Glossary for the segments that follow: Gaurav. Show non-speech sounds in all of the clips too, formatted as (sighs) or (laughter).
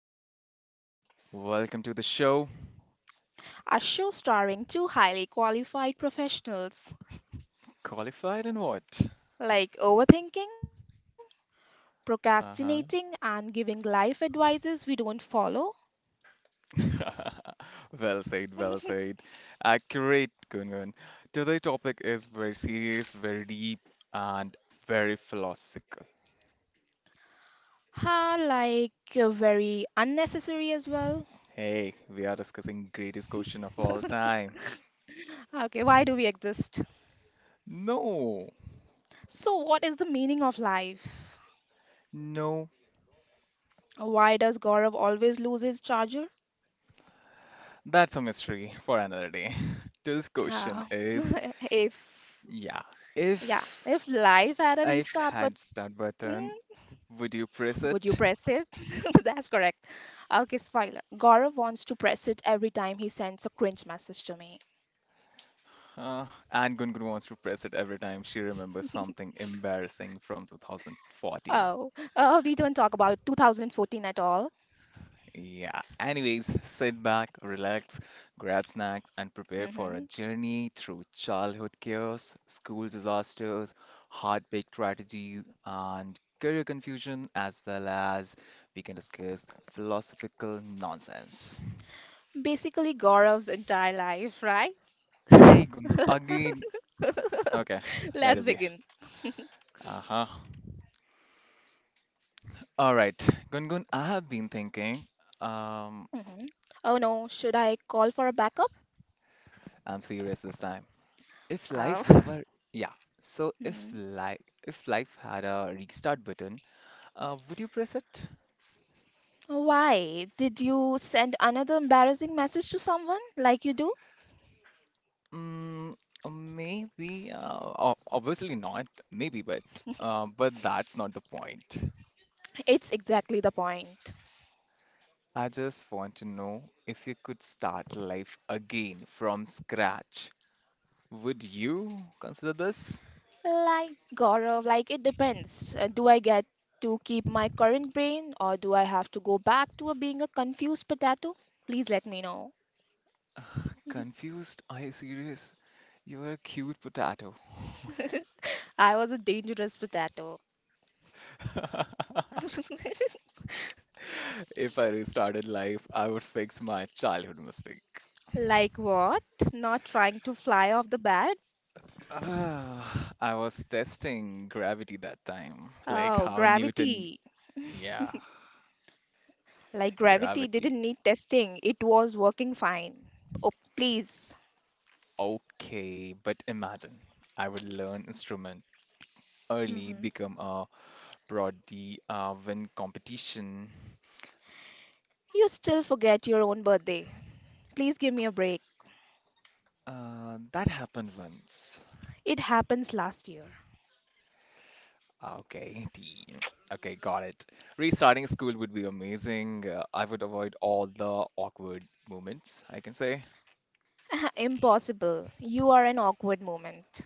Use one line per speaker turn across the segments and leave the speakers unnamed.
accident. So, welcome to the show.
A show starring two highly qualified professionals.
Qualified in what?
Like overthinking,
Uh
procrastinating, and giving life advices we don't follow
huh. (laughs) Well said, well said. Accurate, Kungun. Today's topic is very serious, very deep, and very philosophical.
are like very unnecessary as well.
Hey, we are discussing greatest question of all
(laughs)
time.
Okay, why do we exist?
No,
So, what is the meaning of life?
no,
Why does Gaurav always lose his charger?
that's a mystery for another day. (laughs) Today's question
Uh,
is,
(laughs) if
yeah,
yeah,
if
if life had a
I've
restart
had
button,
start button. Would
would
you
you
press
press it?
it?
(laughs) That's correct. Okay, spoiler. Gaurav wants to press it every time he sends a cringe message to me.
Uh, and Gungun wants to press it every time she remembers something embarrassing from
Oh,
2014.
oh, we don't talk about 2014 at all.
Yeah. Anyways, sit back, relax, grab snacks, and prepare for a
Hmm.
journey through childhood chaos, school disasters, heartbreak strategies, and career confusion, as well as we can discuss philosophical nonsense.
Basically, Gaurav's entire life, right?
Hey, Gungun, again. Okay,
(laughs)
let
Let's
it be.
begin.
Uh-huh. All right, Gungun, I have been thinking.
Hmm.
Um,
Oh no, should I call for a backup?
I'm serious this time. If life
Oh.
have a yeah, so
Hmm.
if life had a restart button, would you press it?
Why? Did you send another embarrassing message to someone like you do?
Mm, maybe. Obviously not. Maybe, but that's not the point.
It's exactly the point.
I just want to know if you could start life again from scratch. Would you consider this?
Like Gaurav, like it depends. Do I get to keep my current brain or do I have to go back to being a confused potato? Please let me know.
Confused? Are you serious? You are a cute potato.
(laughs) I was a dangerous potato.
(laughs)
(laughs)
If I restarted life, I would fix my childhood mistake.
Like what? Not trying to fly off the bat?
Ah, I was testing gravity that time, like
Oh,
how Newton,
gravity.
yeah,
Like gravity
gravity.
didn't need testing. It was working fine. Oh, please.
Okay, but imagine I would learn instrument early,
Hmm.
become a prodigy, win competition.
You still forget your own birthday. Please give me a break.
That happened once.
It happens last year.
Okay, T. (tsk) Okay, got it. Restarting school would be amazing. I would avoid all the awkward moments, I can say.
(laughs) Impossible. You are an awkward moment.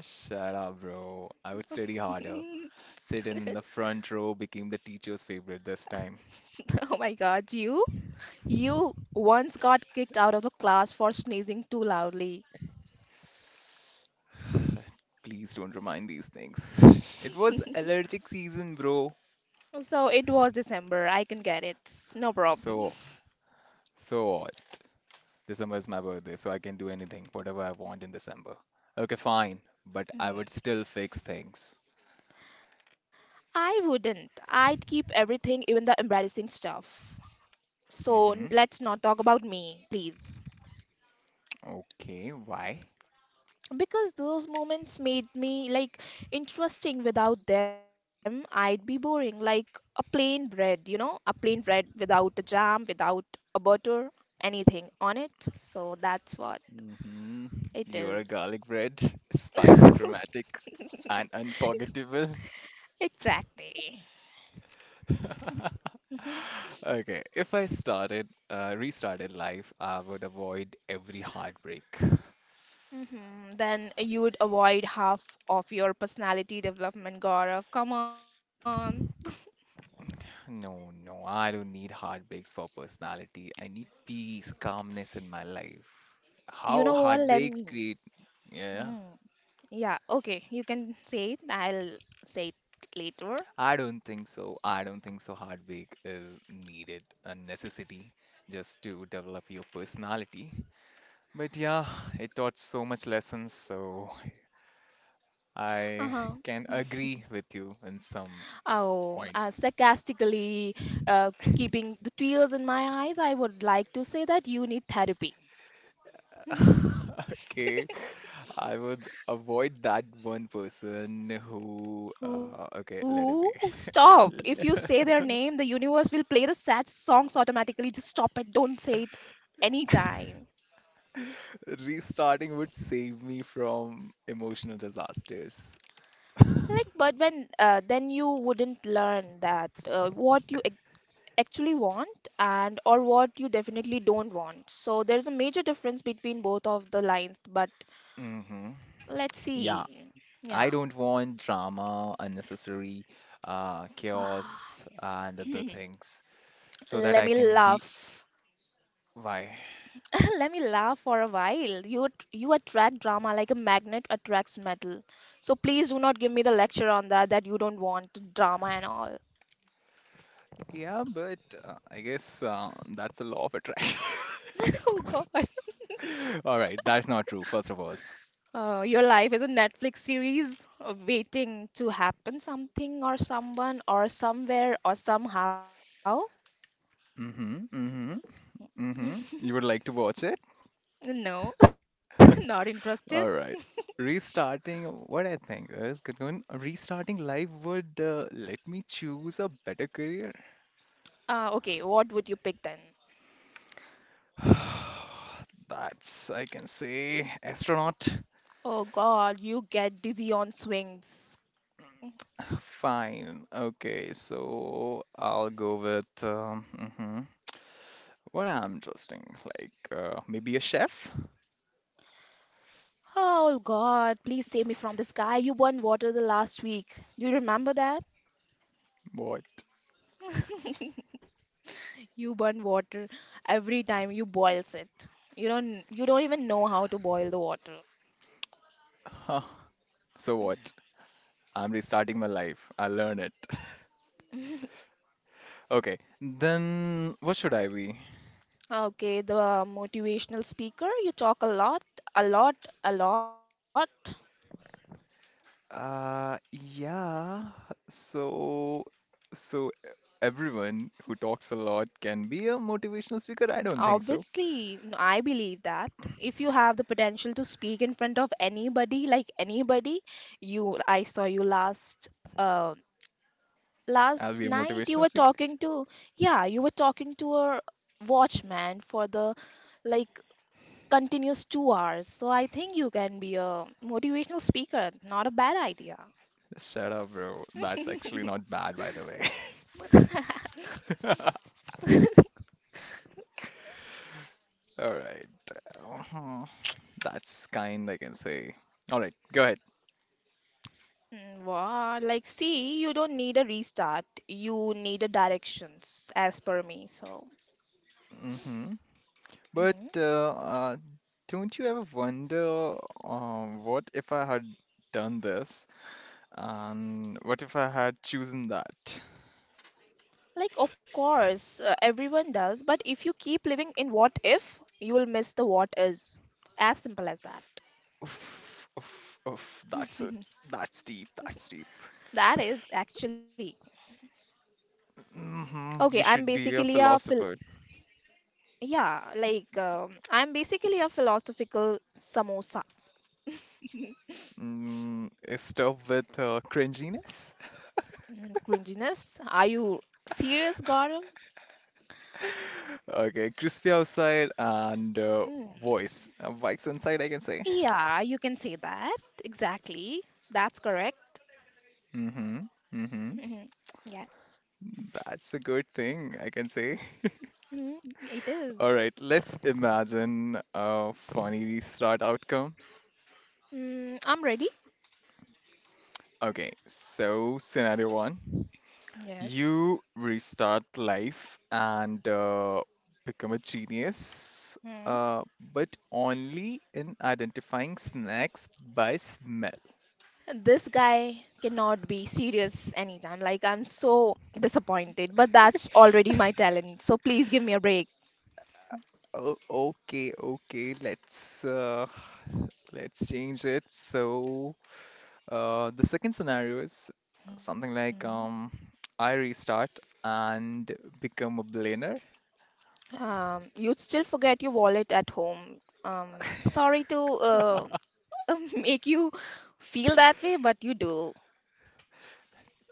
Shut up, bro. I would study harder.
(laughs)
Sitting in the front row became the teacher's favorite this time.
Oh my God, you? You once got kicked out of the class for sneezing too loudly.
Please don't remind these things. (laughs) It was allergic season, bro.
So it was December. I can get it. No problem.
So,
(laughs)
so what? December is my birthday, so I can do anything, whatever I want in December. Okay, fine, but
Mm.
I would still fix things.
I wouldn't. I'd keep everything, even the embarrassing stuff. So
Mm-hmm.
let's not talk about me, please.
Okay, why?
Because those moments made me like interesting. Without them, I'd be boring, like a plain bread, a plain bread without a jam, without a butter, anything on it. So that's what
Mm-hmm.
it
You're a
is.
garlic bread, (laughs) spicy,
(laughs)
dramatic, and unforgettable.
Exactly.
(laughs)
Hmm.
Okay, if I started, restarted life, I would avoid every heartbreak.
Then you would avoid half of your personality development, Gaurav. Come on.
No, no, I don't need heartbreaks for personality. I need peace, calmness in my life.
You
How
know what, let
heartbreaks
me,
create, yeah,
hmm. Yeah, okay, you can say it. I'll say it later.
I don't think so. I don't think so. Heartbreak is needed, a necessity, just to develop your personality. But yeah, it taught so much lessons, so I
Uh-huh.
can agree with you in some
Oh,
points.
sarcastically, uh, keeping the tears in my eyes, I would like to say that you need therapy.
(laughs) Okay. I would avoid that one person who, okay, let it be.
Ooh, stop. If you say their name, the universe will play the sad songs automatically. Just stop it. Don't say it anytime. Hmm.
(laughs) Restarting would save me from emotional disasters.
Like, but when then you wouldn't learn that what you actually want and or what you definitely don't want. So there's a major difference between both of the lines, but
hmm
let's
Yeah,
see.
I
Yeah.
don't want drama, unnecessary chaos, and other things, so that
Let
I
me
can be.
laugh.
Why?
(laughs) Let me laugh for a while. You attract drama like a magnet attracts metal. So please do not give me the lecture on that, that you don't want drama and all.
Yeah, but I guess that's the law of attraction.
(laughs) Oh God.
(laughs) All right, that's not true, first of all.
Your life is a Netflix series, waiting to happen something or someone or somewhere or somehow.
Mm-hmm, mm-hmm. Mm-hmm. You would like to watch it?
No, (laughs) not interested.
All right. Restarting, what I think is good one. Restarting life would let me choose a better career.
Okay, what would you pick then?
(sighs) That's, I can say, astronaut.
Oh God, you get dizzy on swings.
Fine. Okay, so I'll go with what I'm interesting, like maybe a chef?
Oh God, please save me from this guy. You burned water the last week. You remember that?
What?
(laughs) You burn water every time you boils it. You don't even know how to boil the water.
Huh. So what? I'm restarting my life. I learn it. (laughs) Okay, then what should I be?
Okay, the motivational speaker, you talk a lot, a lot, a lot.
Yeah. So, so everyone who talks a lot can be a motivational speaker? I don't think so.
Obviously, I believe that if you have the potential to speak in front of anybody, like anybody, you I saw you um
I'll
last
be a
night you
motivational
were
speaker.
talking to, yeah, you were talking to a watchman for the, like, continuous 2 hours. So I think you can be a motivational speaker. Not a bad idea.
Shut up, bro. That's actually not bad, by the way. (laughs) All right. Uh-huh. That's kind, I can say. All right, go ahead.
Mm, wow, like, see, you don't need a restart. You need a directions as per me. So,
hmm But
mm,
don't you ever wonder, what if I had done this, and what if I had chosen that?
like, of course, everyone does, but if you keep living in what if, you will miss the what is. As simple as that.
Oof, oof, oof. That's deep. That's deep.
That is actually. Okay,
You
I'm
should be a
basically a phil
philosopher.
yeah, like, I'm basically a philosophical samosa.
Stop with cringiness.
Mm, cringiness. Are you serious, Gaurav?
Okay, crispy outside and
Mm,
voice. Vikes inside, I can say.
yeah, you can say that. Exactly. That's correct.
Mm-hmm. Mm-hmm.
Mhm. Yes.
That's a good thing, I can say.
Mm, it
(laughs) All
is.
right, let's imagine a funny start outcome.
Mm, I'm ready.
Okay, so scenario one.
Yes.
You restart life and become a genius,
Mhm.
but only in identifying snacks by smell.
This guy cannot be serious anytime. Like, I'm so disappointed, but that's already my talent. So please give me a break.
Oh, okay, okay. Let's change it. So the second scenario is something like I restart and become a billionaire.
You'd still forget your wallet at home. Um, Sorry to (laughs) make you feel that way, but you do.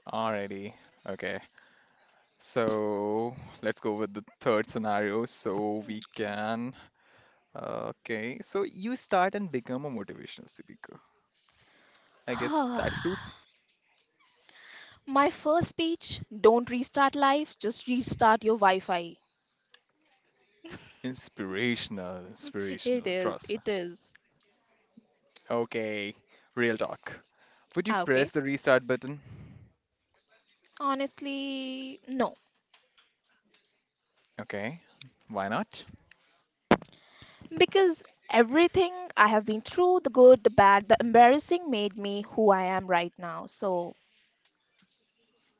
Alrighty, okay. So let's go with the third scenario so we can. Okay, so you start and become a motivational speaker. I guess that
(sighs)
suits.
My first speech: don't restart life, just restart your Wi-Fi.
Inspirational,
It
inspirational,
is,
trust me.
it is.
Okay, real talk. Would you
Ah, okay.
press the restart button?
Honestly, no.
Okay, why not?
Because everything I have been through, the good, the bad, the embarrassing, made me who I am right now. So,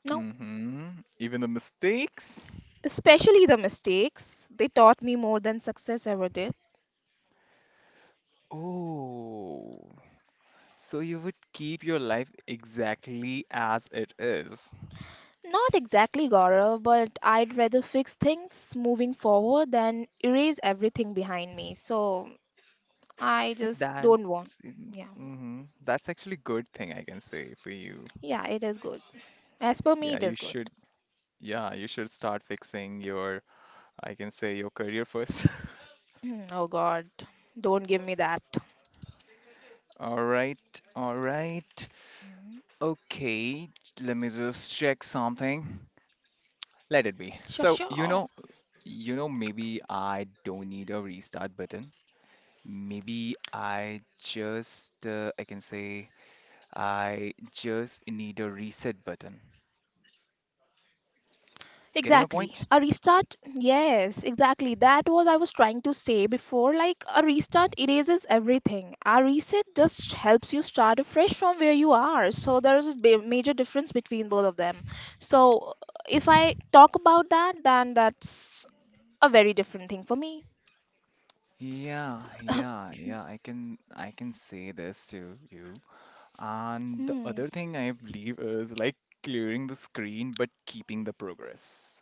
no.
Mm-hmm. Even the mistakes?
Especially the mistakes. They taught me more than success ever did.
Oh, so you would keep your life exactly as it is.
Not exactly Gaurav, but I'd rather fix things moving forward than erase everything behind me. So I
Yeah,
just don't want.
That's
Yeah.
mm-hmm. That's actually good thing I can say for you.
Yeah, it is good. As per me,
Yeah,
it
you
is good.
should. Yeah, you should start fixing your, I can say your career first. (laughs)
Hmm, oh God. Don't give me that.
All right, all right.
Hmm.
Okay, let me just check something. Let
Sure,
it be.
sure.
So, you know, maybe I don't need a restart button. Maybe I just, I can say, I just need a reset button.
Exactly.
Getting a
A
point?
restart? Yes, exactly. That was I was trying to say before. Like, a restart erases everything. A reset just helps you start afresh from where you are. So there is a major difference between both of them. So if I talk about that, then that's a very different thing for me.
Yeah, yeah, yeah. I can say this to you. And the
Hmm.
other thing I believe is like clearing the screen but keeping the progress.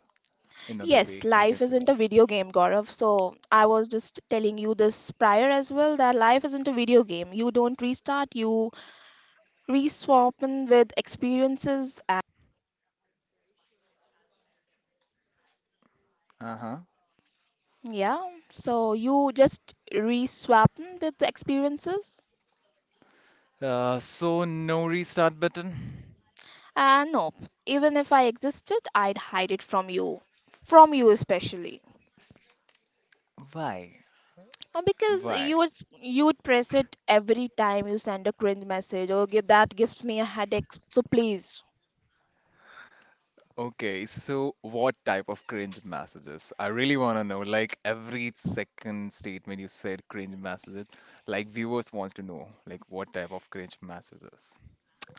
Yes,
Another way
life
I can
isn't
say
a
this.
video game, Gaurav. So I was just telling you this prior as well that life isn't a video game. You don't restart, you reswapping with experiences,
Uh-huh.
and yeah, so you just reswapping with the experiences.
So no restart button.
And nope, even if I existed, I'd hide it from you, from you especially.
Why?
Because
Why?
you would press it every time you send a cringe message or give that gives me a headache, so please.
Okay, so what type of cringe messages? I really want to know. Like every second statement you said cringe messages. Like viewers wants to know like what type of cringe messages.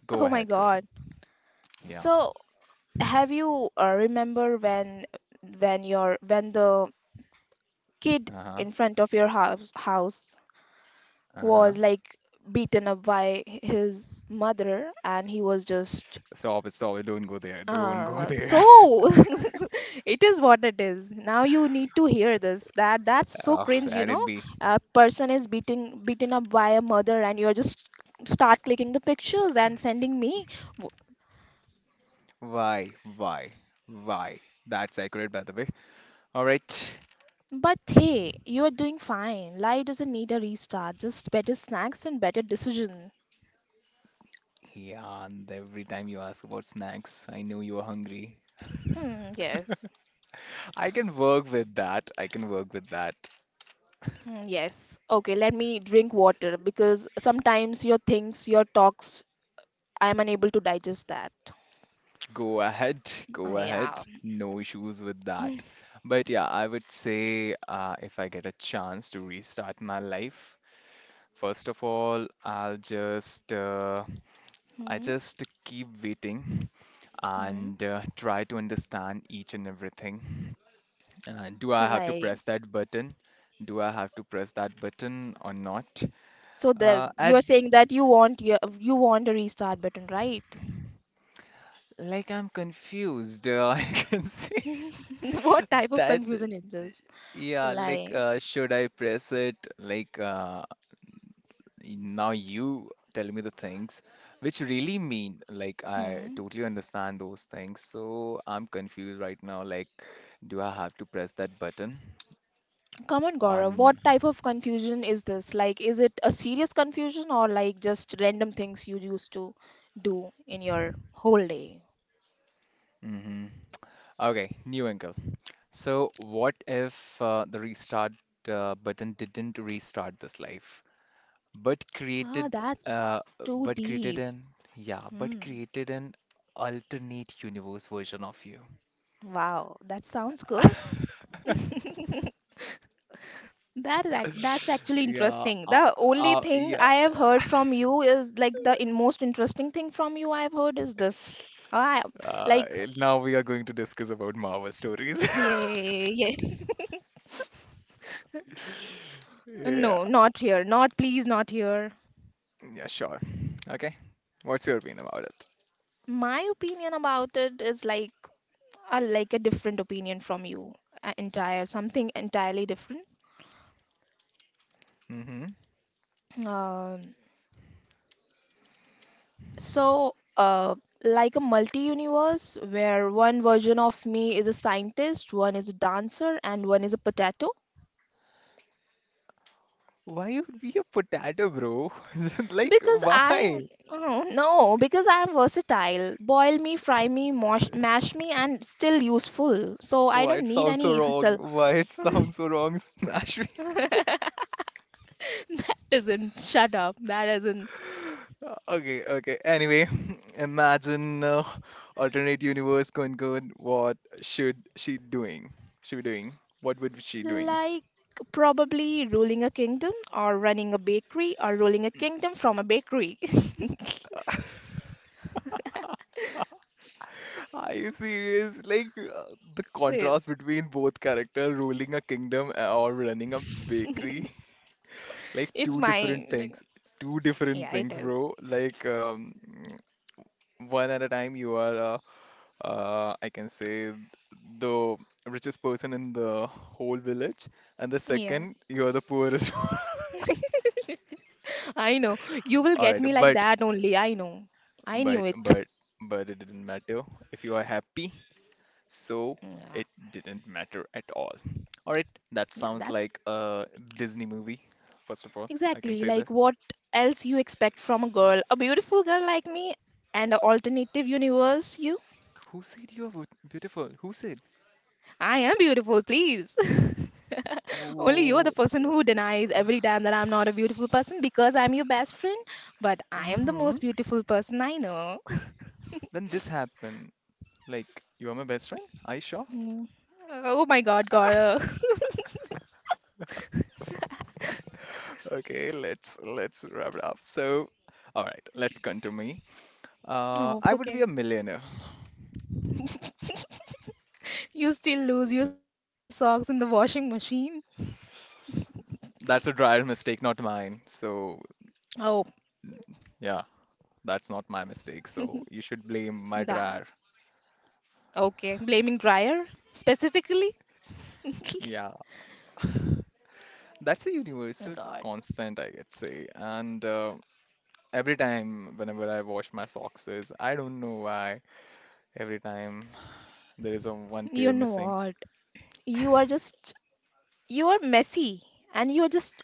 Go
Oh my
ahead, Kunal.
God.
Yeah.
So, have you, remember when your when the kid
Uh-huh.
in front of your house
Uh-huh.
was like beaten up by his mother, and he was just
Stop it, stop it. Don't go there. Don't go there. (laughs)
so (laughs) it is what it is. Now you need to hear this, that that's so
Oh,
cringe. You know,
that'd be.
a person is beating beaten up by a mother, and you're just start clicking the pictures and sending me W-
Why, why, why? That's accurate, by the way. All right.
but hey, you're doing fine. Life doesn't need a restart, just better snacks and better decision.
Yeah, and every time you ask about snacks, I know you are hungry.
Mm, yes.
I can work with that. I can work with that.
Mm, yes. Okay, let me drink water because sometimes your things, your talks, I'm unable to digest that.
Go ahead, go
Ah,
ahead.
yeah.
No issues with that. But yeah, I would say if I get a chance to restart my life, first of all, I'll just I
Hmm.
just keep waiting
Hmm.
and try to understand each and everything. Do I have to
Like,
press that button? Do I have to press that button or not?
so the
At,
you're saying that you want a restart button, right?
like I'm confused. (laughs) I can see
(laughs) What type of
that's
confusion is this?
yeah. Like
Like,
should I press it? Like now you tell me the things which really mean. Like I
hmm.
totally understand those things. So I'm confused right now. Like do I have to press that button
Come on, Gaurav, what
on?
type of confusion is this? Like, is it a serious confusion or like just random things you used to do in your whole day?
Mm-hmm. Okay, new angle. So, what if the restart button didn't restart this life, but
Ah,
created,
that's
uh,
too
but
deep. Hmm.
but created an alternate universe version of you?
Wow, that sounds good.
(laughs)
(laughs) That's actually
Yeah,
interesting.
uh,
The only thing
yeah.
I have heard from you is like the in most interesting thing from you I've heard is this. I
Uh,
like
now we are going to discuss about Marvel stories. (laughs)
Yeah, yeah. (laughs) No,
Yeah,
not here. Not please, not here.
yeah, sure. Okay, what's your opinion about it?
My opinion about it is like a different opinion from you. Entire something entirely different.
Mm-hmm.
Um So, like, a multi universe where one version of me is a scientist, one is a dancer, and one is a potato.
Why you be a potato, bro? (laughs) Like,
Because I,
why?
oh, no, because I am versatile. Boil me, fry me, mash me, and still useful. So I
Why
don't
it
need
sounds so
any hustle.
wrong?
(laughs)
Why it (laughs) sounds so wrong, (laughs) smash me.
That isn't, shut up, that isn't.
Okay, okay. Anyway, (laughs) imagine alternate universe going good. What should she doing? She be doing? What would she doing?
Like, probably ruling a kingdom, or running a bakery, or ruling a kingdom from a bakery. (laughs)
Are you serious? Like
Yeah.
the contrast between both character ruling a kingdom or running a
(laughs)
bakery, like
It's
two
mine.
different
Like,
things. Two different
yeah, it
things,
is.
bro. Like one at a time you are I can say the richest person in the whole village, and the
Yeah.
second, you are the poorest. (laughs) one.
(laughs) I know. You will
All
get
right,
me like
but
that only. I know. I knew
but
it.
but but it didn't matter if you are happy,
Yeah.
so it didn't matter at all. All right,
Yeah,
that
that's
sounds like a Disney movie. First of all, I can
exactly
say
like
this.
what else you expect from a girl. A beautiful girl like me and an alternative universe, you.
Who said you are beautiful? Who said?
I am beautiful, please. (laughs) Only you are the
Oh,
person who denies every time that I'm not a beautiful person because I'm your best friend, but I am the
hmm,
most beautiful person I know.
when this happened, like you are my best friend? Aisha?
Mm. Oh my God, Gaurav. (laughs)
Okay, let's wrap it up. So, all right, let's come to me.
Oh,
I would be
okay.
a millionaire.
You still lose your socks in the washing machine?
That's a dryer mistake, not mine. So,
Oh,
yeah, that's not my mistake. So you should blame my
that.
dryer.
Okay. Blaming dryer specifically?
Yeah, (laughs) that's a
Oh
universal
God.
constant, I could say. And every time, whenever I wash my socks, is I don't know why every time there is a one
You
pair
know
missing.
what? You are just, you are messy, and you are just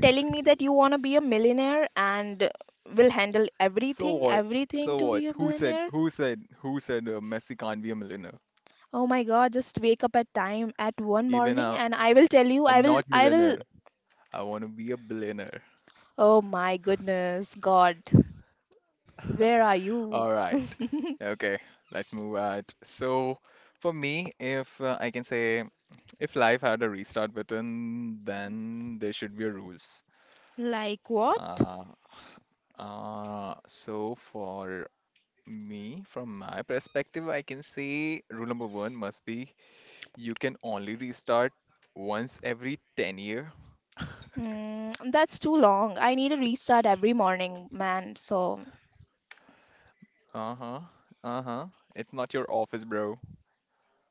telling me that you want to be a millionaire and will handle
So
everything,
what?
everything
So
to
what?
be a
Who said?
billionaire.
Who said? Who said Messi can't be a millionaire?
Oh my God, just wake up at time at one
Even
morning and I will tell you, I
I'm
will,
not
I will
millionaire. I want to be a billionaire.
Oh my goodness, God, where are you?
All
(laughs)
right. Okay, let's move at. So, for me, if I can say if life had a restart button, then there should be a rules.
Like what?
Uh, so for me, from my perspective, I can say rule number one must be you can only restart once every 10 year. (laughs)
Mm, that's too long. I need a restart every morning, man. So,
Uh-huh. Uh-huh. It's not your office, bro.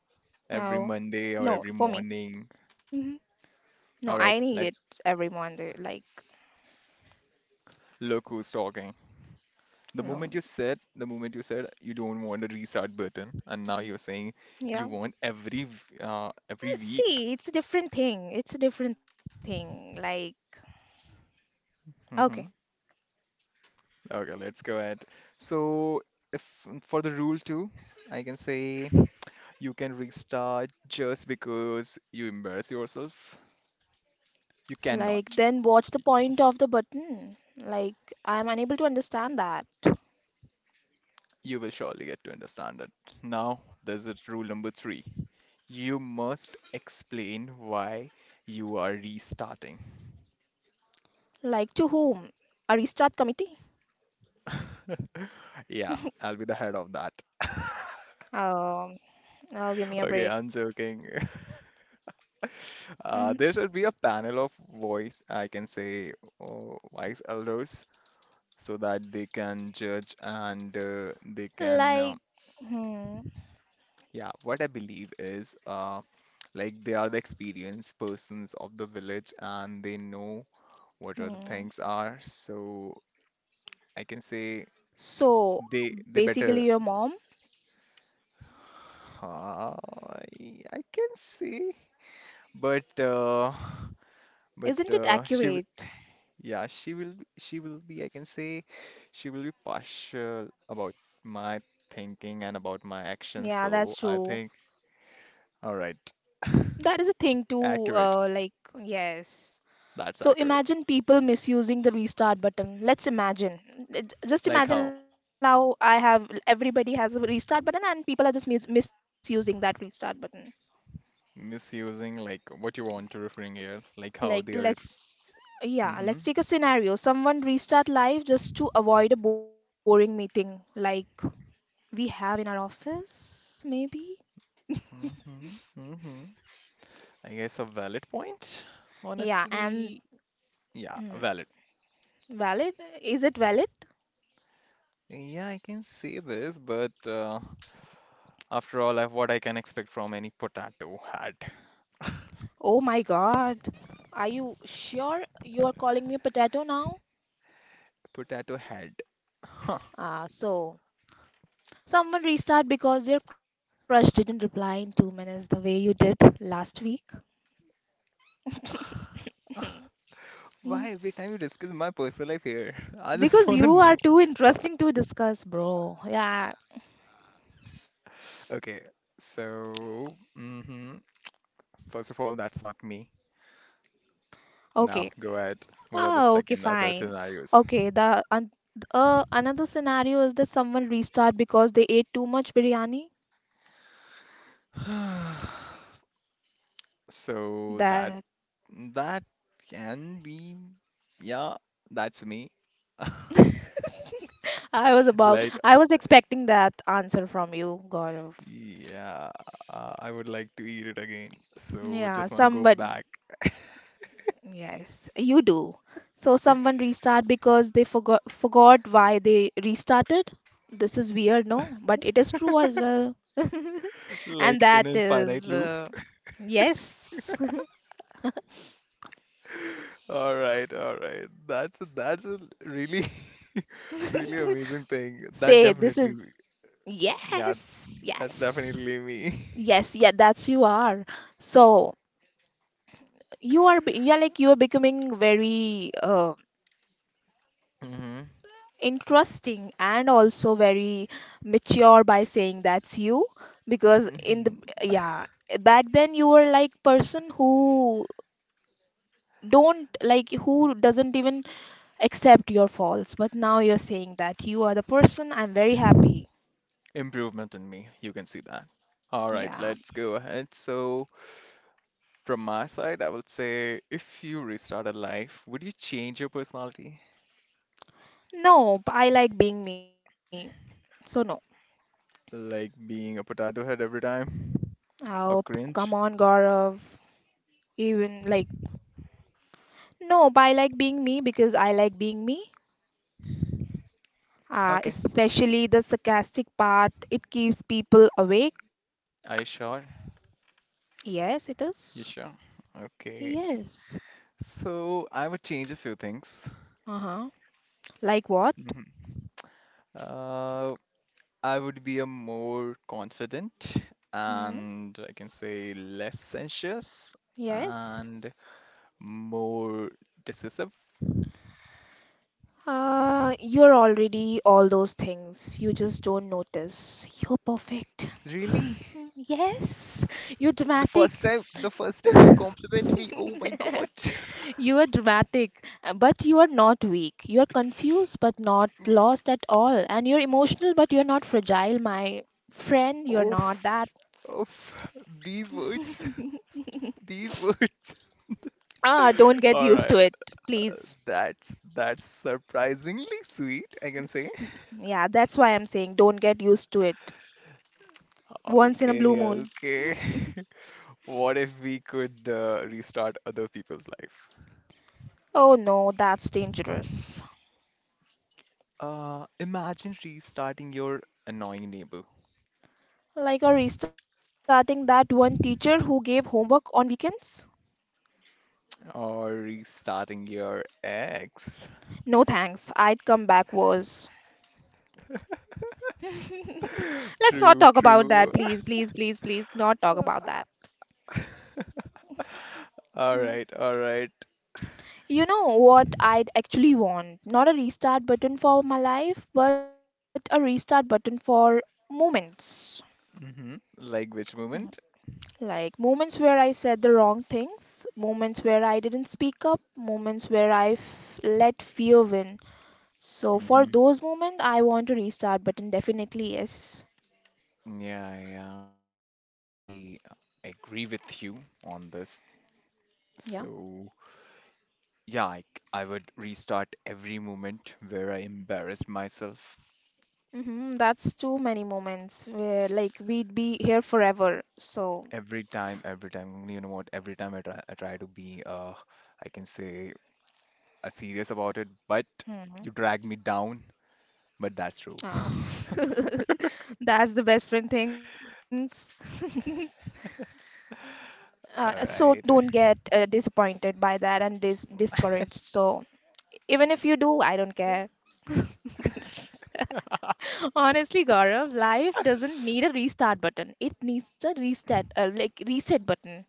oh,
Every Monday
no,
or
for
every
me.
morning.
Mhm.
All
No,
right,
I need
let's
it every Monday. Like,
look who's talking. The moment you
no,
said, the moment you said you don't want a restart button, and now you're saying
yeah.
you want every every week.
See, it's a different thing. It's a different thing. Like, okay.
hmm Okay, let's go ahead. So, if for the rule two, I can say you can restart just because you embarrass yourself. You
Like,
cannot.
then what's the point of the button? Like, I'm unable to understand that.
You will surely get to understand it. Now, there's a rule number three. You must explain why you are restarting.
Like, to whom? A restart committee?
(laughs) Yeah, I'll be the head of that. (laughs)
Um, Oh, give me a break.
Okay, I'm joking. (laughs)
Mhm.
There should be a panel of voice, I can say, oh, wise elders, so that they can judge and they can.
Like, hmm,
Yeah, what I believe is like they are the experienced persons of the village and they know what are the
hmm.
things are. So I can say
So
they
basically,
better
your mom,
Uh, I can say, but uh, but
isn't it
uh, she will,
accurate?
yeah, she will be I can say she will be partial about my thinking and about my actions.
Yeah, that's
So I
true.
think all right, (laughs)
That is a thing too.
accurate.
Like, yes.
That's
So
accurate.
imagine people misusing the restart button. Let's imagine. Just
Like
imagine
how
now I have everybody has a restart button and people are just misusing that restart button.
misusing like what you want to referring here, like how
Like,
they are.
let's yeah,
Mm-hmm,
let's take a scenario. Someone restart live just to avoid a boring meeting. Like, we have in our office, maybe.
mm-hmm, mm-hmm. I guess a valid point.
Yeah, and
Honestly, yeah,
mm,
valid.
valid? Is it valid?
Yeah, I can say this, but after all, I've what I can expect from any potato head.
Oh my God. Are you sure you are calling me a potato now?
Potato head. Huh.
So someone restart because your crush didn't reply in 2 minutes the way you did last week. Mm.
Why every time you discuss my personal life here? (laughs) I just
Because
want to
you are
know.
too interesting to discuss, bro. Yeah.
Okay, so hmm first of all, that's not me.
Okay.
Now, go ahead. What are the
Oh, okay,
second other
fine.
scenarios?
Okay, the un another scenario is that someone restart because they ate too much biryani.
(sighs) So
That
that can be, yeah, that's me. (laughs)
(laughs)
Like
I was expecting that answer from you, Gaurav.
yeah, I would like to eat it again. So
Yeah,
just want to go
someone.
back.
Yes, You do. So someone restart because they forgot why they restarted. This is weird, no? But it is true as well. (laughs)
(laughs)
And
Like
that
in infinite
is
loop. (laughs)
yes.
All right, all right. That's a really (laughs)
(laughs)
really amazing thing. That
Say this
definitely
is
yeah,
yes,
that's
yes.
definitely me.
Yes, yeah, that's you are. So yeah, like you are becoming very
(laughs) hmm
interesting and also very mature by saying that's you because in the
hmm
yeah back then you were like person who don't like who doesn't even accept your faults, but now you're saying that you are the person. I'm very happy.
Improvement in me. You can see that. All right,
Yeah.
let's go ahead. So from my side, I would say if you restarted life, would you change your personality?
no b- I like being me, so no.
Like being a potato head every time? Or
Come
cringe?
on, Gaurav. Even like, no, but I like being me because I like being me.
Okay.
Especially the sarcastic part, it keeps people awake.
Are you sure?
Yes, it is.
You sure? Okay.
Yes.
So I would change a few things.
Uh-huh. Like what?
Mhm. Uh, I would be a more confident
Hmm.
and I can say less anxious
Yes.
and more decisive.
You're already all those things. You just don't notice. You're perfect.
Really?
Mm, yes. You're dramatic.
The first time you compliment me, oh my God.
(laughs)
(laughs)
You are dramatic, but you are not weak. You are confused, but not lost at all. And you're emotional, but you're not fragile, my friend. You're not that.
Oof. Oof. These words. (laughs) These words.
Ah, don't
(laughs)
get
All
used to
right.
it, please.
That's surprisingly sweet, I can say.
Yeah, that's why I'm saying don't get used to it. Once in a blue
Okay,
moon.
okay. (laughs) What if we could restart other people's life?
Oh no, that's dangerous.
Imagine restarting your annoying neighbor
Like a restarting that one teacher who gave homework on weekends?
or restarting your ex.
No thanks, I'd come back worse. (laughs)
(laughs)
Let's not
True,
talk about
true.
that,
(laughs)
please, please, please, please, not talk about that.
All
Hmm.
right, all right.
You know what I'd actually want? Not a restart button for my life, but a restart button for moments.
Mm-hmm. Like which
Mhm.
moment?
Like moments where I said the wrong things, moments where I didn't speak up, moments where let fear win. So for
Mm-hmm.
those moments, I want a restart button. Definitely yes.
Yeah, yeah, I'll totally agree with you on this.
Yeah.
So, yeah, I would restart every moment where I embarrassed myself.
Mm-hmm. That's too many moments where like we'd be here forever. So.
Every time, you know what, every time I try to be, I can say, serious about it, but
Hmm.
you drag me down, but that's true.
Ah, (laughs)
(laughs)
that's the best friend things. (laughs)
All
So don't
right.
get disappointed by that and discouraged.
(laughs)
So even if you do, I don't care. (laughs) Honestly, Gaurav, life doesn't need a restart button. It needs a restart, like reset button.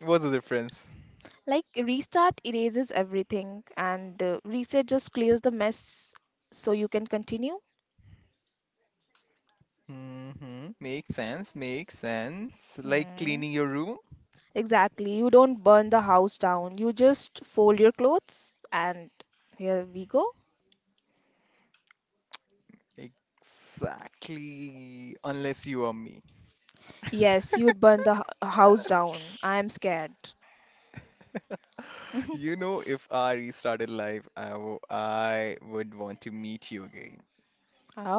What's the difference?
Like restart erases everything, and reset just clears the mess so you can continue.
Mm-hmm. Makes sense, makes sense. Like
Hmm.
cleaning your room?
Exactly. You don't burn the house down. You just fold your clothes and here we go.
Exactly. Unless you are me.
Yes, you'd burn the house
(laughs)
down. I'm scared.
You know, if I restarted life, I would want to meet you again.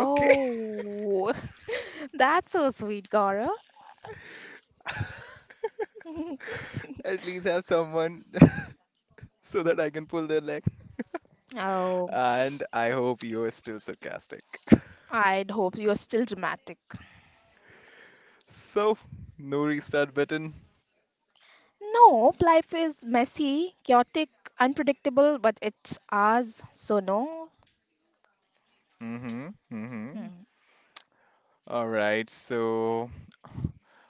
Okay?
(laughs) that's so sweet, Gaurav. (laughs)
(laughs) At least have someone (laughs) so that I can pull their leg.
Oh,
And I hope you're still sarcastic. (laughs)
I'd hope you're still dramatic.
So, no restart button.
No, life is messy, chaotic, unpredictable, but it's ours, so no.
Mm-hmm. Mm-hmm.
Hmm.
All right, so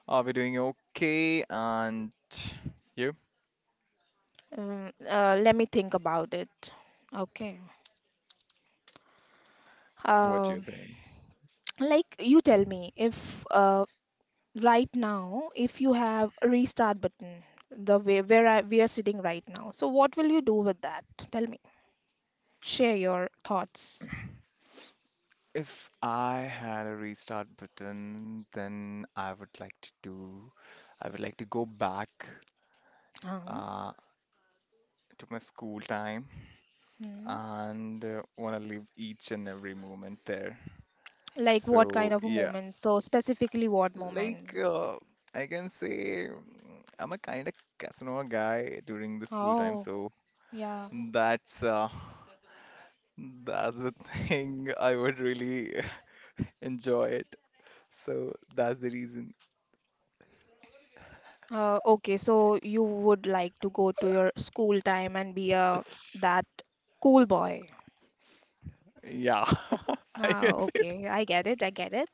are we doing okay? And you?
Let me think about it. Okay.
What do
Uh,
you think?
like you tell me if right now if you have a restart button the way where we are sitting right now, so what will you do with that? Tell me. Share your thoughts.
If I had a restart button, then I would like to do, I would like to go back
Um,
uh, to my school time
hmm.
and want to live each and every moment there.
Like what kind
So,
of a
yeah,
moment, so specifically what
like
moment?
I can say I'm a kind of Casanova guy during the school time,
Oh,
so
yeah.
that's (laughs) that's the thing I would really (laughs) enjoy it. So that's the reason.
Okay, so you would like to go to your school time and be a that cool boy.
Yeah, (laughs) I
Ah,
can say it.
okay, I get it, I get it.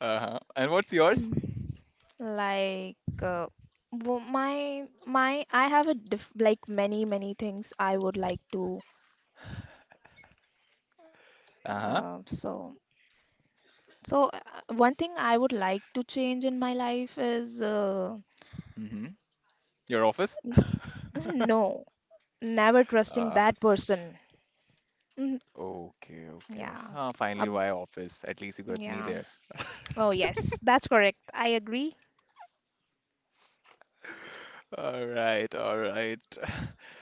Uh-huh. And what's yours?
Like, uh, my I have a diff like many things I would like to.
Uh-huh.
So so one thing I would like to change in my life is
Hmm. Your office?
(laughs)
(laughs)
no, never trusting
Uh,
that person. Mhm.
Okay, okay.
Yeah,
Ah,
uh,
finally, why office? At least you got me
yeah.
there.
Oh
(laughs)
yes, that's correct. I agree.
All right, all right.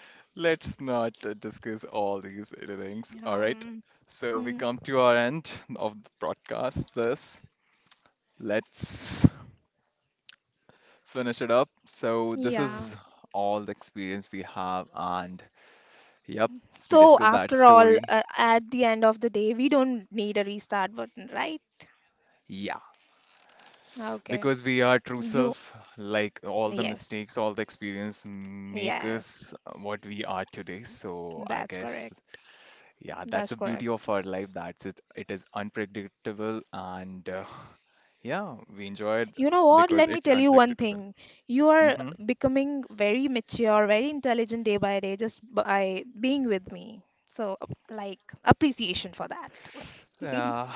(laughs) Let's not discuss all these little things. All right.
Um,
So we
mm,
come to our end of the broadcast. This let's finish it up. So this
yeah.
is all the experience we have, and yep, we
So
discussed that
after all,
story.
at the end of the day, we don't need a restart button, right?
Yeah.
Okay.
Because we are true
You.
self, like all the
Yes,
mistakes, all the experience make
yes,
us what we are today. So I
that's
guess,
correct.
yeah, that's
That's
the beauty
correct.
of our life. That's it. It is unpredictable, and yeah, we enjoy it
You know what?
because
Let me
it's
tell you one
unpredictable.
thing. You are
Mm-hmm.
becoming very mature, very intelligent day by day just by being with me. So, like, appreciation for that. (laughs)
Uh,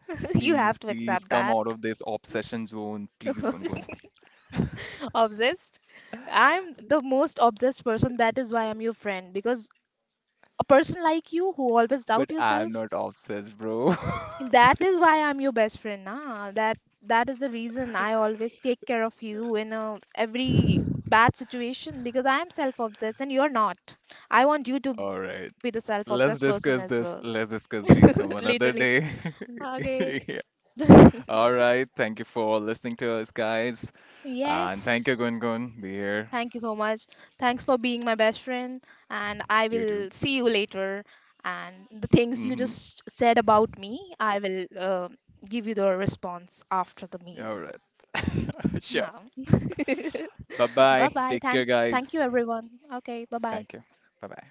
(sighs)
You
Please,
have to
please
accept
come
that.
out of this obsession zone, please, Gungun.
(laughs) Obsessed. I'm the most obsessed person. That is why I'm your friend. Because a person like you who always
But
doubt
I'm
yourself,
not obsessed, bro. (laughs)
that is why I'm your best friend, nah. That is the reason I always take care of you in a, every bad situation, because I am self-obsessed and you're not. I want you to be
All
the
right.
self-obsessed person as
Let's
well.
discuss this. Let's
(laughs)
discuss this some
Later,
another
later.
day. (laughs)
Okay.
Yeah.
(laughs)
All right. Thank you for listening to us, guys. And thank you,
Yes.
Gun Gun. Be here.
Thank you so much. Thanks for being my best friend, and I
You too.
will see you later. And the things you
Hmm.
just said about me, I will give you the response after the meet.
All right.
No.
(laughs)
(laughs)
Sure.
(laughs) Bye
Bye
bye.
bye.
Thanks.
Take care,
Thank you,
guys.
everyone. Okay. Bye bye.
Thank you. Bye bye.